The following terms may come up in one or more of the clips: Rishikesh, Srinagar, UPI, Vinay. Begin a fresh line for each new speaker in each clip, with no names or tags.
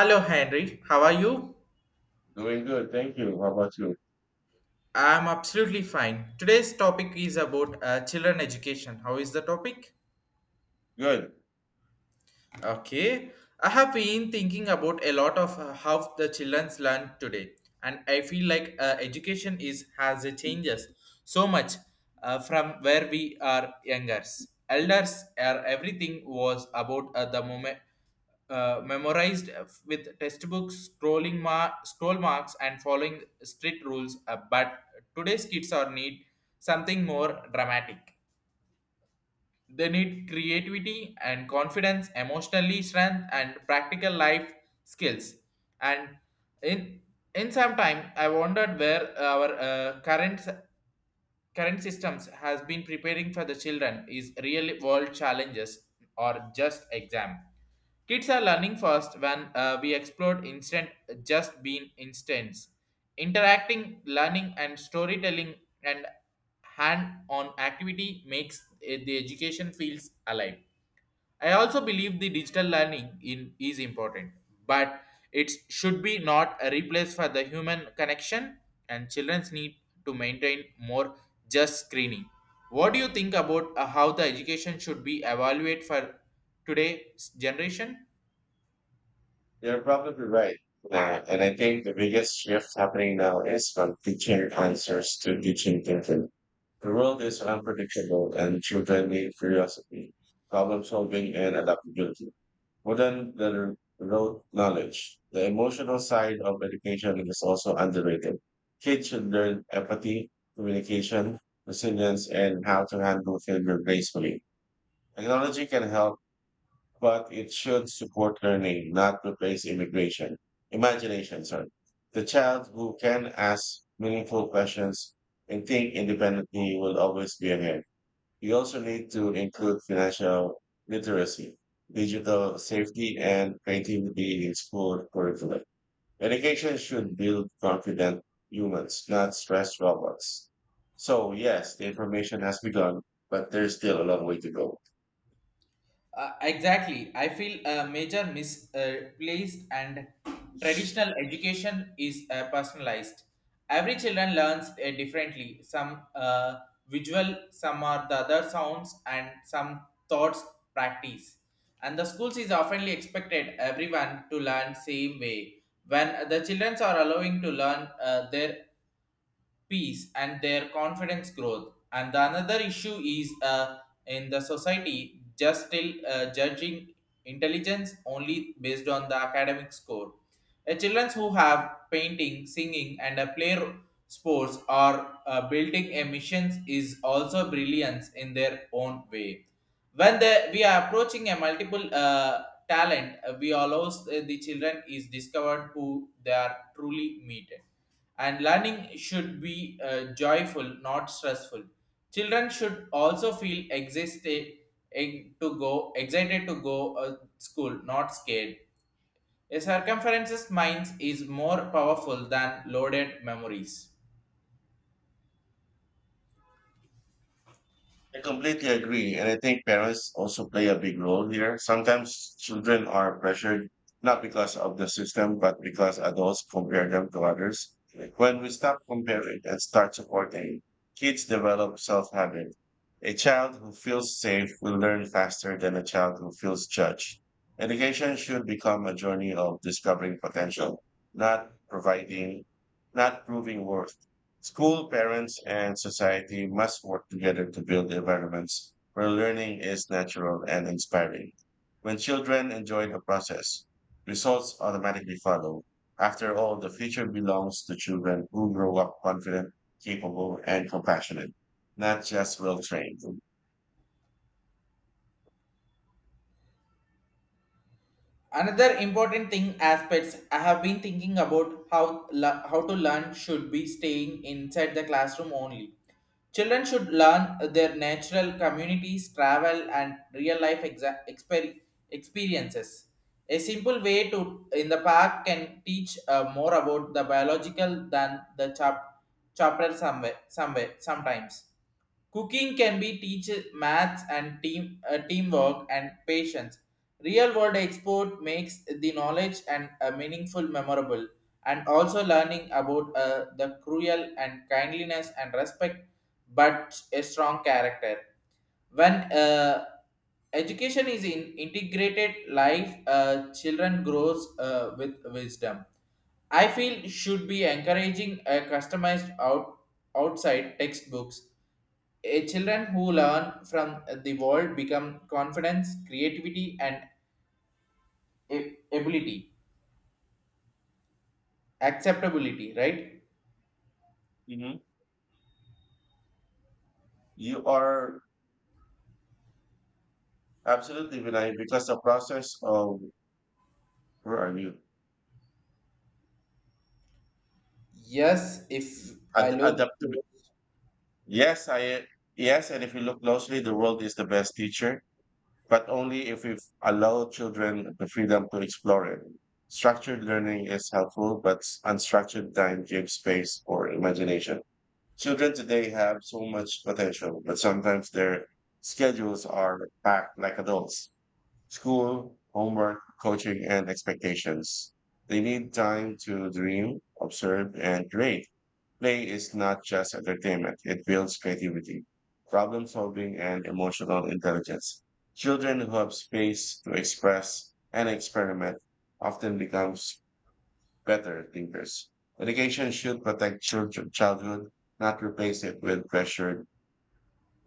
Hello, Henry. How are you?
Doing good, thank you. How about you?
I'm absolutely fine. Today's topic is about children education. How is the topic?
Good.
Okay, I have been thinking about a lot of how the childrens learn today, and I feel like education is has a changes so much from where we are youngers. Elders are everything was about the moment memorized with textbooks, scroll marks, and following strict rules. But today's kids are need something more dramatic. They need creativity and confidence, emotionally strength, and practical life skills. And in in some time, I wondered where our current systems has been preparing for the children is real world challenges or just exam. Kids are learning first when we explore instant, just being instance, interacting learning and storytelling, and hand on activity makes the education feels alive. I also believe the digital learning in is important, but it should be not a replace for the human connection and children's need to maintain more just screening. What do you think about how the education should be evaluated for today's generation?
You're probably right. And I think the biggest shift happening now is from teaching answers to teaching thinking. The world is unpredictable and children need curiosity, problem solving, and adaptability. More than the rote knowledge, the emotional side of education is also underrated. Kids should learn empathy, communication, resilience, and how to handle failure gracefully. Technology can help but it should support learning, not replace immigration. Imagination, sorry. The child who can ask meaningful questions and think independently will always be ahead. You also need to include financial literacy, digital safety, and creativity in school curriculum. Education should build confident humans, not stressed robots. So yes, the information has begun, but there's still a long way to go.
Exactly. I feel a major misplaced and traditional education is personalized. Every children learns differently. Some visual, some are the other sounds, and some thoughts practice. And the schools is oftenly expected everyone to learn same way. When the children are allowing to learn their peace and their confidence growth. And the another issue is in the society just still judging intelligence only based on the academic score. The children who have painting, singing, and a sports or building emissions is also brilliance in their own way. When the, we are approaching a multiple talent, we allows the children is discovered who they are truly meted, and learning should be joyful, not stressful. Children should also feel existed to go excited to go school, not scared. A circumferences minds is more powerful than loaded memories.
I completely agree. And I think parents also play a big role here. Sometimes children are pressured not because of the system, but because adults compare them to others. When we stop comparing and start supporting, kids develop self habit. A child who feels safe will learn faster than a child who feels judged. Education should become a journey of discovering potential, not providing, not proving worth. School, parents, and society must work together to build environments where learning is natural and inspiring. When children enjoy the process, results automatically follow. After all, the future belongs to children who grow up confident, capable, and compassionate, not just well trained.
Another important thing aspects I have been thinking about how to learn should be staying inside the classroom only. Children should learn their natural communities, travel, and real life experiences. A simple way to in the park can teach more about the biological than the chapter somewhere, somewhere sometimes. Cooking can be teach maths and teamwork and patience. Real world export makes the knowledge and meaningful memorable, and also learning about the cruel and kindliness and respect but a strong character. When education is in integrated life, children grows with wisdom. I feel should be encouraging a customized out outside textbooks. A children who learn from the world become confidence, creativity, and ability, acceptability, right?
Mhm. You are absolutely right because the process of where are you?
Yes, if I look,
Adaptability. Yes, I. Yes, and if you look closely, the world is the best teacher but only if we allow children the freedom to explore it. Structured learning is helpful, but unstructured time gives space for imagination. Children today have so much potential, but sometimes their schedules are packed like adults. School, homework, coaching, and expectations. They need time to dream, observe, and create. Play is not just entertainment, it builds creativity, problem solving, and emotional intelligence. Children who have space to express and experiment often becomes better thinkers. Education should protect children childhood, not replace it with pressure.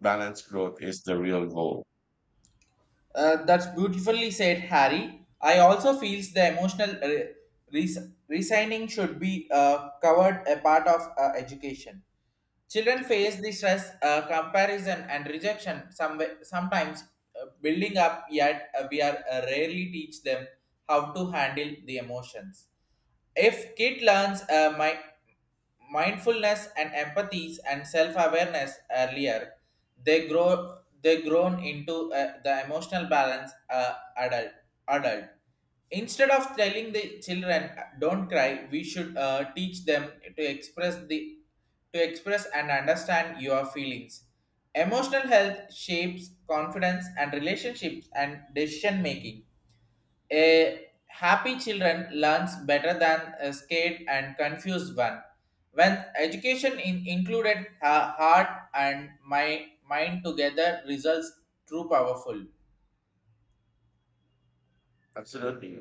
Balanced growth is the real goal.
that's beautifully said, Harry. I also feels the emotional resigning should be covered a part of education. Children face the stress, comparison, and rejection. Some sometimes building up, yet we are rarely teach them how to handle the emotions. If kid learns mindfulness and empathy and self-awareness earlier, they grown into the emotional balance adult. Instead of telling the children don't cry, we should teach them to express and understand your feelings. Emotional health shapes confidence and relationships and decision making. A happy children learns better than a scared and confused one. When education in included heart and my mind together results true powerful.
Absolutely.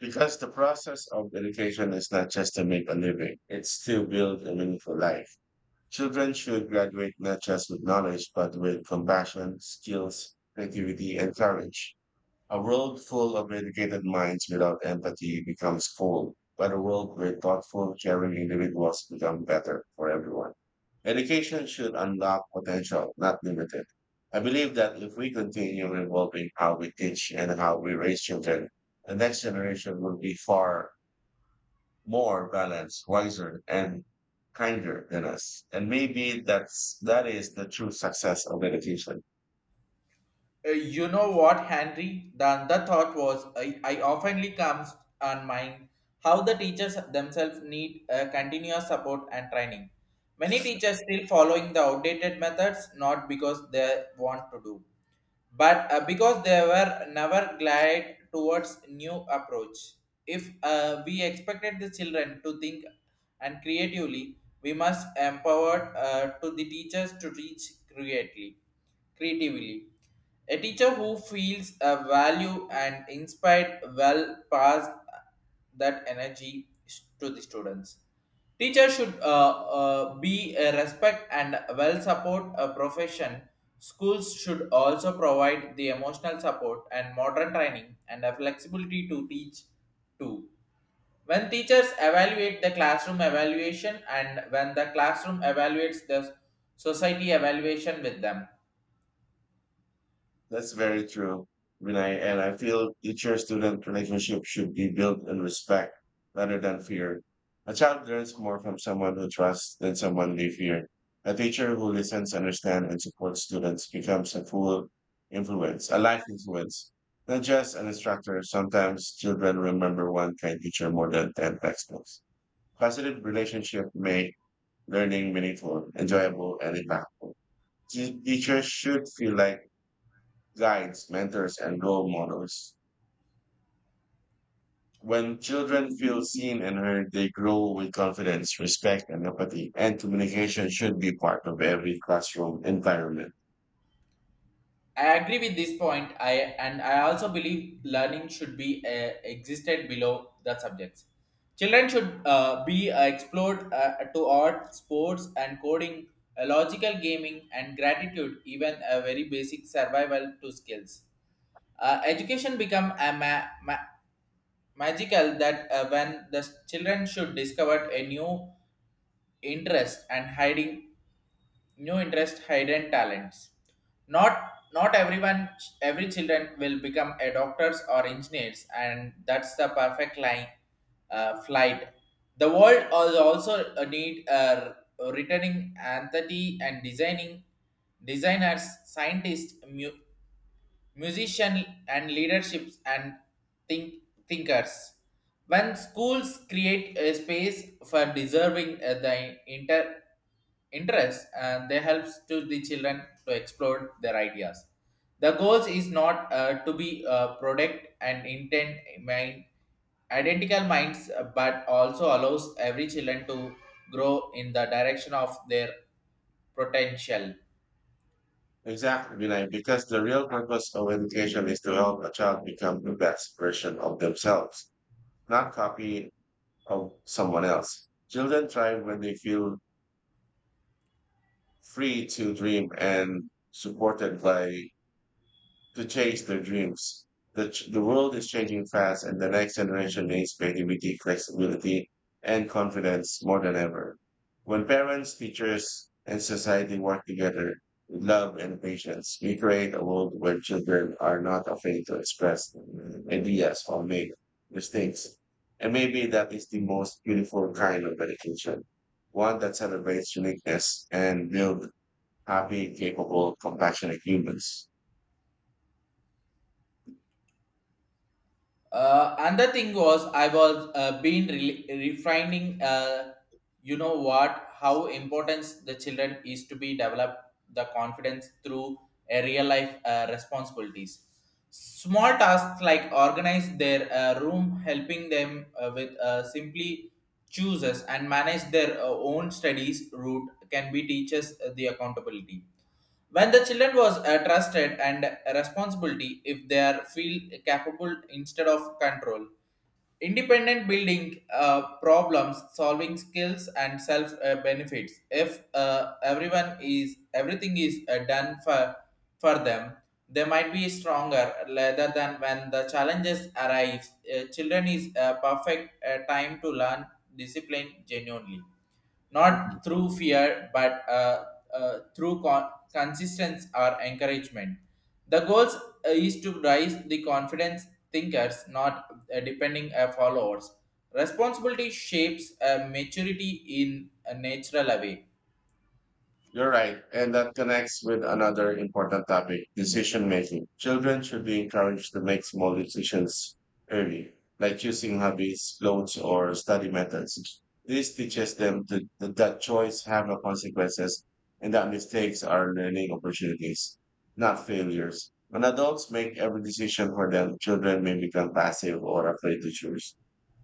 Because the process of education is not just to make a living, it's to build a meaningful life. Children should graduate not just with knowledge, but with compassion, skills, creativity, and courage. A world full of educated minds without empathy becomes cold, but a world where thoughtful, caring individuals become better for everyone. Education should unlock potential, not limit it. I believe that if we continue evolving how we teach and how we raise children, the next generation will be far more balanced, wiser, and kinder than us. And maybe that is the true success of education.
You know what, Henry? The other thought was I oftenly comes on mind how the teachers themselves need continuous support and training. Many teachers still following the outdated methods not because they want to do but because they were never glad towards new approach. If we expected the children to think and creatively, we must empower to the teachers to teach creatively. A teacher who feels a value and inspired well pass that energy to the students. Teacher should be a respect and well support a profession. Schools should also provide the emotional support and modern training and a flexibility to teach too. When teachers evaluate the classroom evaluation and when the classroom evaluates the society evaluation with them,
That's very true, Vinay. And I feel teacher student relationship should be built in respect rather than fear. A child learns more from someone who trusts than someone they fear. A teacher who listens, understands, and supports students becomes a full influence, a life influence, not just an instructor. Sometimes children remember one kind teacher more than 10 textbooks. Positive relationship make learning meaningful, enjoyable, and impactful. Teachers should feel like guides, mentors, and role models. When children feel seen and heard, they grow with confidence, respect, and empathy. And communication should be part of every classroom environment.
I agree with this point. I and I also believe learning should be existed below the subjects. Children should be explored to art, sports, and coding, logical gaming, and gratitude, even a very basic survival to skills. Education become a magical that when the children should discover a interest and hiding new interest hidden talents. Not everyone, every children will become a doctors or engineers, and that's the perfect line, flight. The world also need returning empathy and designing designers, scientists, musician and leaderships, and think thinkers. When schools create a space for deserving the interest, and they helps to the children to explore their ideas, the goals is not to be product and intent mind identical minds, but also allows every children to grow in the direction of their potential.
Exactly, Vinay, because the real purpose of education is to help a child become the best version of themselves, not copy of someone else. Children thrive when they feel free to dream and supported by to chase their dreams. The world is changing fast, and the next generation needs creativity, flexibility, and confidence more than ever. When parents, teachers, and society work together with love and patience, we create a world where children are not afraid to express ideas or make mistakes. And maybe that is the most beautiful kind of education, one that celebrates uniqueness and builds happy, capable, compassionate humans.
Another thing was I was been refining, you know what, how important the children is to be develop the confidence through a real life responsibilities. Small tasks like organize their room, helping them with simply chooses and manage their own studies route can be teaches the accountability. When the children was trusted and responsibility, if they are feel capable instead of control, independent building problems solving skills and self benefits. If everyone is everything is done for them, they might be stronger rather than when the challenges arise. Children is a perfect time to learn discipline genuinely, not through fear but through consistency or encouragement. The goals is to raise the confidence thinkers, not depending on followers. Responsibility shapes maturity in a natural way.
You're right. And that connects with another important topic, decision making. Children should be encouraged to make small decisions early, like choosing hobbies, clothes, or study methods. This teaches them to, that that choice have no consequences and that mistakes are learning opportunities, not failures. When adults make every decision for them, children may become passive or afraid to choose.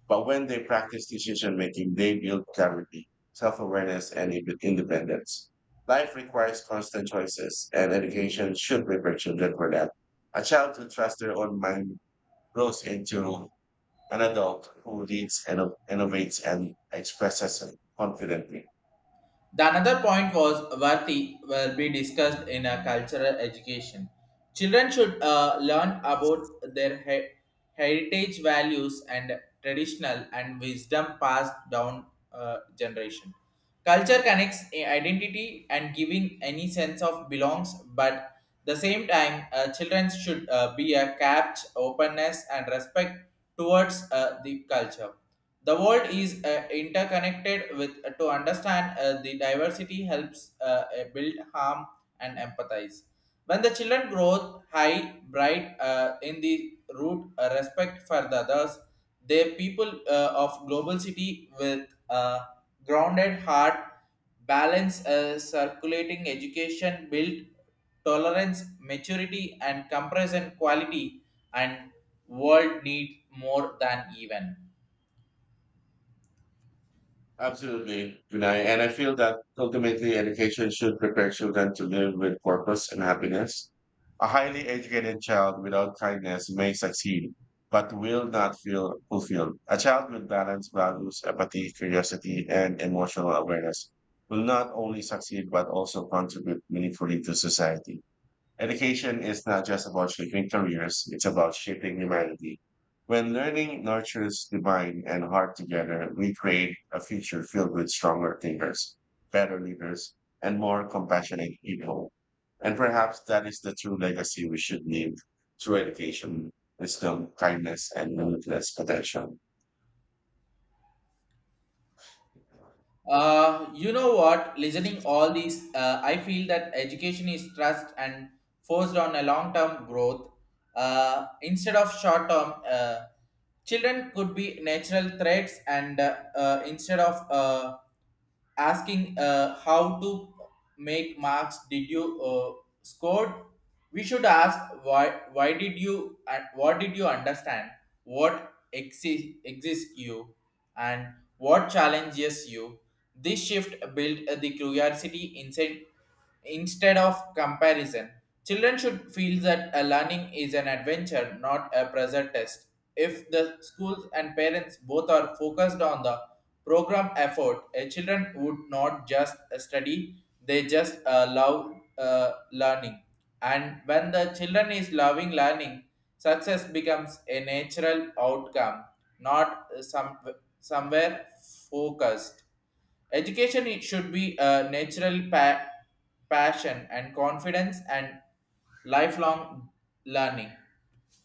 But when they practice decision making, they build clarity, self awareness, and independence. Life requires constant choices, and education should prepare children for that. A child who trusts their own mind grows into an adult who leads, and innovates, and expresses confidently.
The another point was worthy will be discussed in a cultural education. Children should learn about their heritage values and traditional and wisdom passed down generation. Culture connects identity and giving any sense of belongs, but the same time, children should be a capped openness and respect towards the culture. The world is interconnected with to understand the diversity helps build harm and empathize. When the children grow high, bright in the root respect for the others, the people of global city with a grounded heart, balance, circulating education, build tolerance, maturity, and comparison quality, and world need more than even.
Absolutely, Vinay. And I feel that ultimately education should prepare children to live with purpose and happiness. A highly educated child without kindness may succeed, but will not feel fulfilled. A child with balanced values, empathy, curiosity, and emotional awareness will not only succeed, but also contribute meaningfully to society. Education is not just about shaping careers, it's about shaping humanity. When learning nurtures the mind and heart together, we create a future filled with stronger thinkers, better leaders, and more compassionate people. And perhaps that is the true legacy we should leave through education, wisdom, kindness, and limitless potential.
You know what? Listening all these, I feel that education is trust and forced on a long-term growth instead of short-term. Children could be natural threats and instead of asking how to make marks did you scored, we should ask why did you and what did you understand, what exists you, and what challenges you. This shift built the curiosity inside instead of comparison. Children should feel that a learning is an adventure, not a pressure test. If the schools and parents both are focused on the program effort, a children would not just study; they just love learning. And when the children is loving learning, success becomes a natural outcome, not somewhere focused. Education it should be a natural passion and confidence and lifelong learning.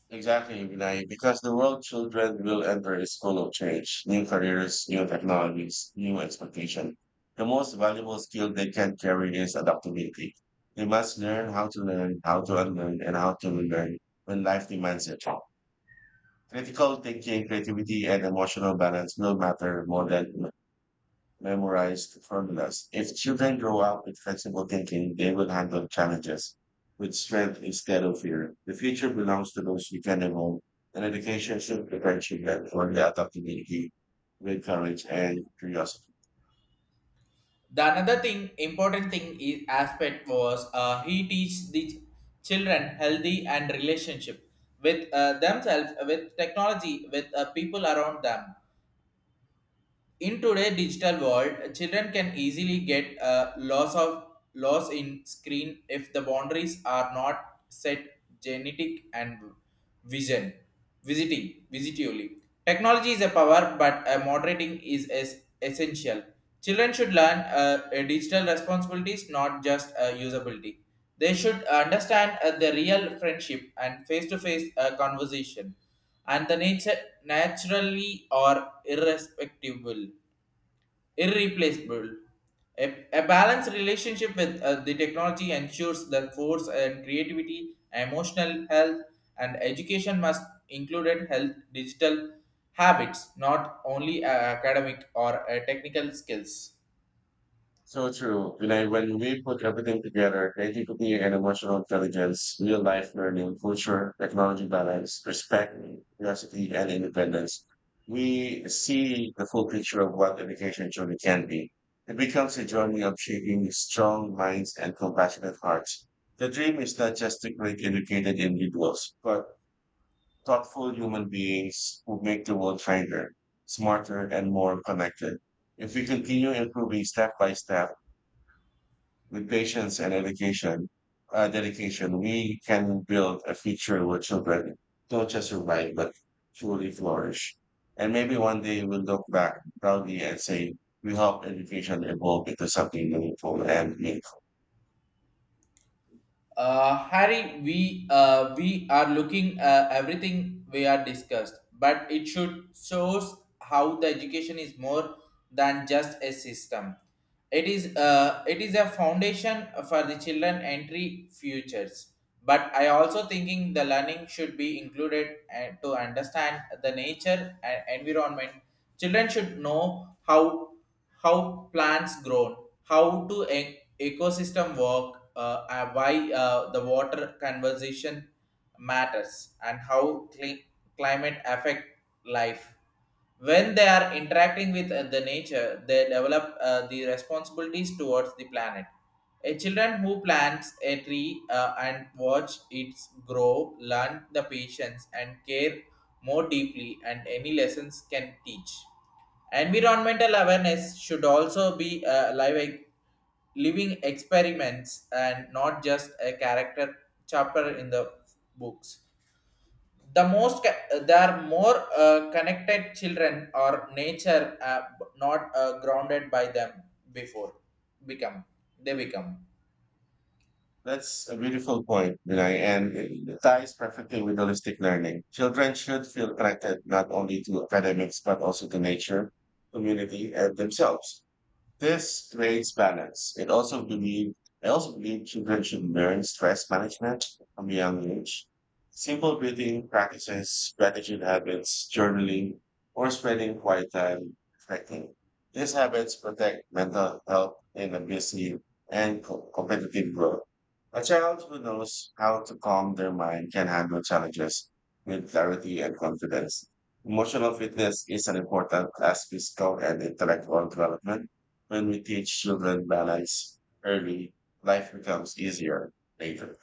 Exactly, Vinay, because the world children will enter a school of change, new careers, new technologies, new expectation. The most valuable skill they can carry is adaptability. They must learn, how to unlearn, and how to relearn when life demands it. Critical thinking, creativity, and emotional balance will matter more than memorized formulas. If children grow up with flexible thinking, they will handle challenges with strength instead of fear. The future belongs to those dependable, and education should prepare children for the adaptability with courage and curiosity.
The another thing important thing is aspect was he teach the children healthy and relationship with themselves with technology with people around them. In today's digital world, children can easily get a loss in screen if the boundaries are not set genetic and vision visiting visitually. Technology is a power, but a moderating is essential. Children should learn a digital responsibilities, not just usability. They should understand the real friendship and face-to-face conversation, and the nature naturally or irrespective irreplaceable. A balanced relationship with the technology ensures that force and creativity, emotional health, and education must include health digital habits, not only academic or technical skills.
So true. When we put everything together, creativity and emotional intelligence, real life learning, culture, technology balance, respect, curiosity, and independence, we see the full picture of what education truly can be. It becomes a journey of shaping strong minds and compassionate hearts. The dream is not just to create educated individuals, but thoughtful human beings who make the world kinder, smarter, and more connected. If we continue improving step by step, with patience and education, dedication, we can build a future where children don't just survive, but truly flourish. And maybe one day we'll look back proudly and say, we helped education evolve into something meaningful and meaningful.
Harry, we are looking everything we are discussed, but it should shows how the education is more than just a system. It is a foundation for the children entry futures. But I also thinking the learning should be included to understand the nature and environment. Children should know how plants grow, how to ecosystem work, and why the water conservation matters, and how climate affect life. When they are interacting with the nature, they develop the responsibilities towards the planet. A children who plants a tree and watch it grow learn the patience and care more deeply and any lessons can teach. Environmental awareness should also be a live, living experiments and not just a character chapter in the books. There are more connected children or nature, not grounded by them before become they become.
That's a beautiful point, Vinay, and it ties perfectly with holistic learning. Children should feel connected not only to academics, but also to nature, community, and themselves. This creates balance. It also believe I also believe children should learn stress management from a young age. Simple breathing practices, gratitude habits, journaling, or spending quiet time reflecting. These habits protect mental health in a busy and competitive world. A child who knows how to calm their mind can handle challenges with clarity and confidence. Emotional fitness is an important as physical and intellectual development when we teach children balance early, life becomes easier later.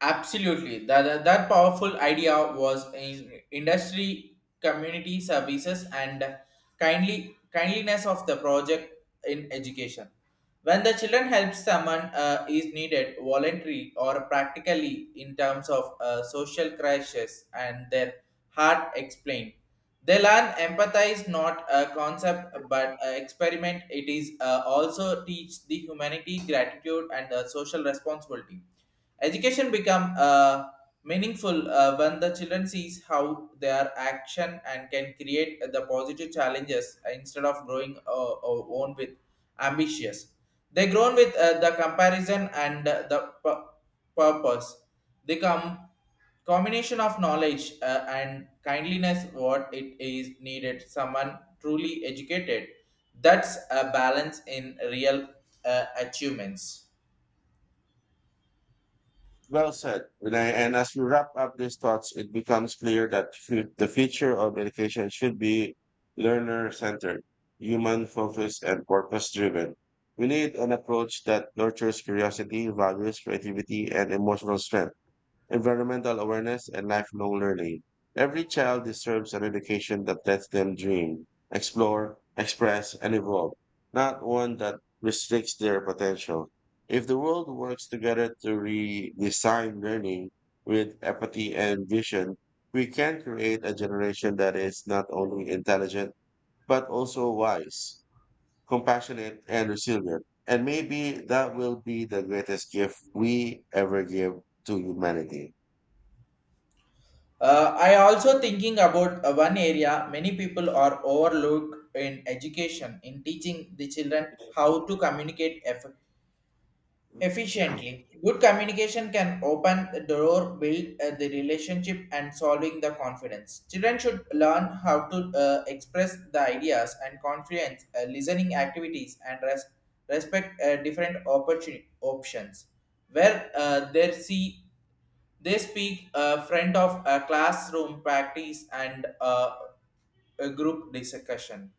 Absolutely. That powerful idea was in industry community services and kindly kindliness of the project in education. When the children help someone is needed voluntary or practically in terms of social crashes and their heart explained. They learn empathize not a concept but a experiment. It is also teach the humanity, gratitude and social responsibility. Education become meaningful when the children sees how their action and can create the positive challenges instead of growing own with ambitious. They grown with the comparison and the purpose. They come combination of knowledge and kindliness what it is needed someone truly educated, that's a balance in real achievements.
Well said. Vinay. And as we wrap up these thoughts, it becomes clear that the future of education should be learner centered, human focused, and purpose driven. We need an approach that nurtures curiosity, values creativity, and emotional strength environmental awareness, and lifelong learning. Every child deserves an education that lets them dream, explore, express, and evolve, not one that restricts their potential. If the world works together to redesign learning with empathy and vision, we can create a generation that is not only intelligent, but also wise, compassionate, and resilient. And maybe that will be the greatest gift we ever give to humanity.
I also thinking about one area many people are overlooked in education in teaching the children how to communicate efficiently. Good communication can open the door, build the relationship, and solving the confidence. Children should learn how to express the ideas and confidence, listening activities, and respect different options where they see they speak a friend of a classroom practice and a group discussion,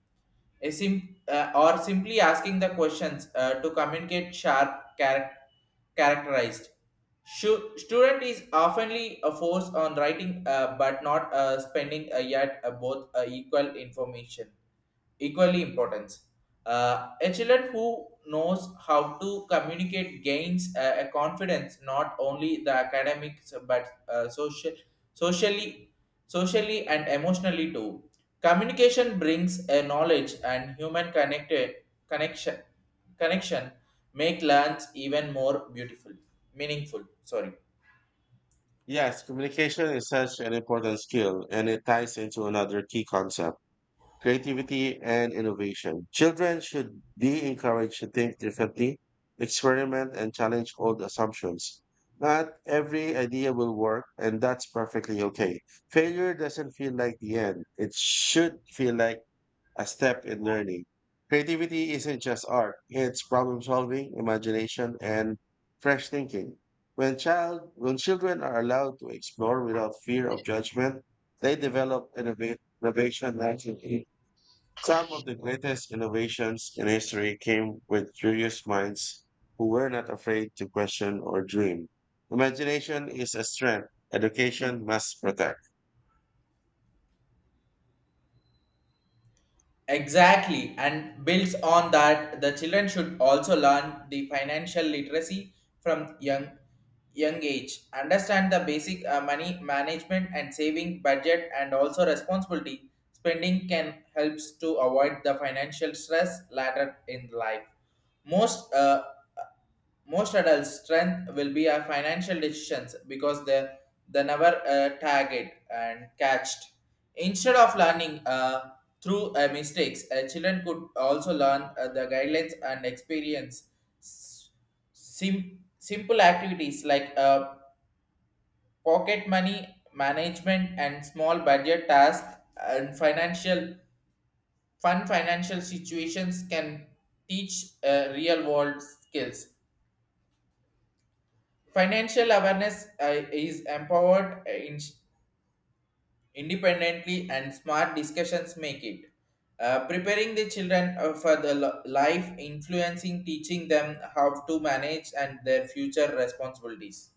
a or simply asking the questions to communicate sharp characterized. Student is oftenly a force on writing but not spending yet both equal information equally importance. A child who knows how to communicate gains a confidence not only the academics but uh, socially, socially and emotionally too. Communication brings a knowledge and human connected connection connection make learns even more beautiful, meaningful. Sorry.
Yes, communication is such an important skill, and it ties into another key concept creativity and innovation. Children should be encouraged to think differently, experiment, and challenge old assumptions. Not every idea will work, and that's perfectly okay. Failure doesn't feel like the end, it should feel like a step in learning. Creativity isn't just art, it's problem solving, imagination, and fresh thinking. When children are allowed to explore without fear of judgment, they develop innovation naturally. Some of the greatest innovations in history came with curious minds who were not afraid to question or dream. Imagination is a strength education must protect.
Exactly, and builds on that, the children should also learn the financial literacy from young age. Understand the basic money management and saving budget, and also responsibility spending can helps to avoid the financial stress later in life. Most uh, most adults strength will be our financial decisions because they never tag and catched instead of learning through mistakes. Uh, children could also learn the guidelines and experience, s- simple activities like pocket money management and small budget tasks and financial situations can teach real world skills. Financial awareness is empowered, independently and smart discussions make it. Preparing the children for the life, influencing, teaching them how to manage and their future responsibilities.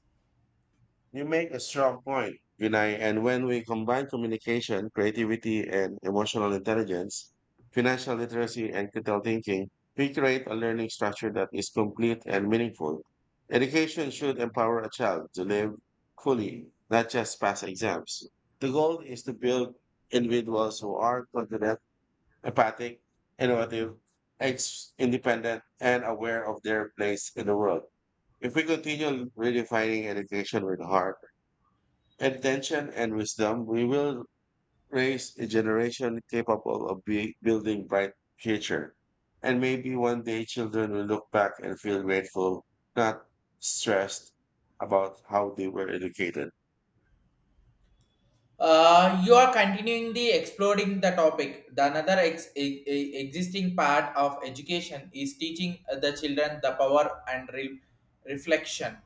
You make a strong point, Vinay, and when we combine communication, creativity, and emotional intelligence, financial literacy, and critical thinking, we create a learning structure that is complete and meaningful. Education should empower a child to live fully, not just pass exams. The goal is to build individuals who are confident, empathic, innovative, independent, and aware of their place in the world. If we continue redefining education with heart, attention and wisdom, we will raise a generation capable of building bright future. And maybe one day children will look back and feel grateful, not stressed about how they were educated.
You are continuing the exploring the topic. The another existing part of education is teaching the children the power and reflection.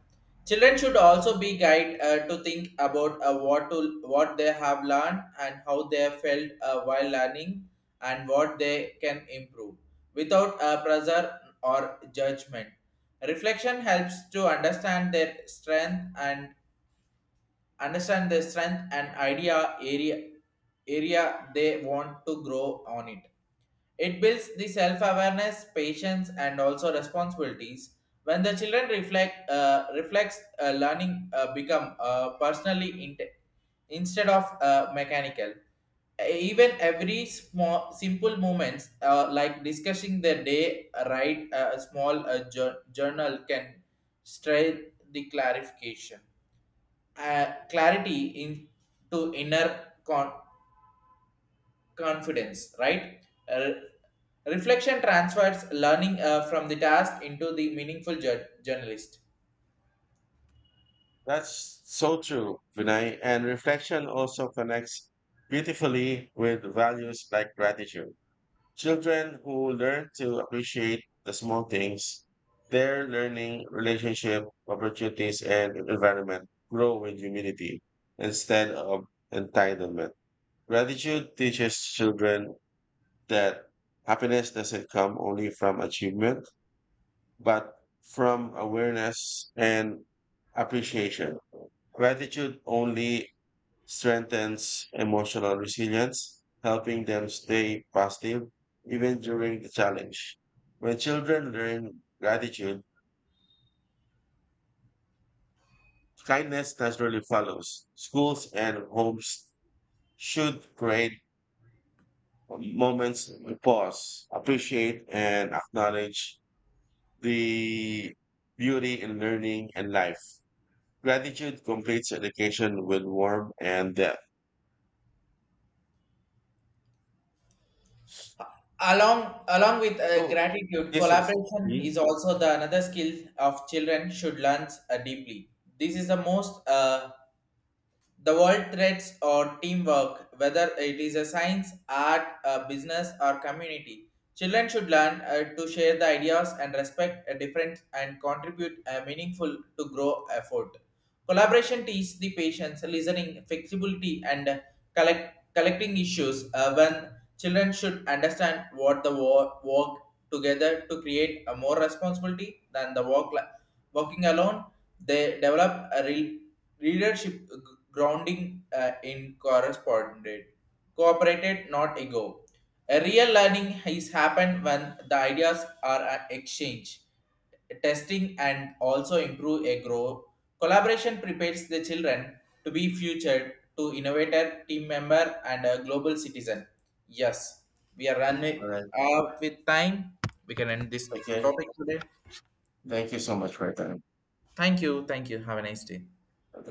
Children should also be guided to think about what they have learned and how they felt while learning, and what they can improve without pressure or judgment. Reflection helps to understand their strength and idea area they want to grow on it. It builds the self-awareness, patience and also responsibilities. When the children reflects, learning become personally inte instead of mechanical. Even every small simple moments like discussing their day, write a small journal can strengthen the clarification clarity into inner confidence, right? Uh, Reflection transfers learning from the task into the meaningful journalist.
That's so true, Vinay. And reflection also connects beautifully with values like gratitude. Children who learn to appreciate the small things, their learning, relationship, opportunities, and environment grow with humility instead of entitlement. Gratitude teaches children that happiness doesn't come only from achievement, but from awareness and appreciation. Gratitude only strengthens emotional resilience, helping them stay positive even during the challenge. When children learn gratitude, kindness naturally follows. Schools and homes should create moments to pause, appreciate, and acknowledge the beauty in learning and life. Gratitude completes education with warmth and depth.
Along with
So,
gratitude,
this is
collaboration
me.
is also the another skill of children should learn deeply. This is the most the world threads or teamwork, whether it is a science, art, a business, or community. Children should learn to share the ideas and respect a difference and contribute a meaningful to grow effort. Collaboration teaches the patience, listening, flexibility, and collecting issues, when children should understand what the work together to create a more responsibility than the work working alone. They develop a real leadership grounding in cooperated, not ego. A real learning is happened when the ideas are exchanged, testing, and also improve a grow. Collaboration prepares the children to be future to innovator, team member, and a global citizen. Yes, we are
All
running
right.
out with time. We can end this
Okay.
topic today.
Thank you so much for your time.
Thank you. Thank you. Have a nice day.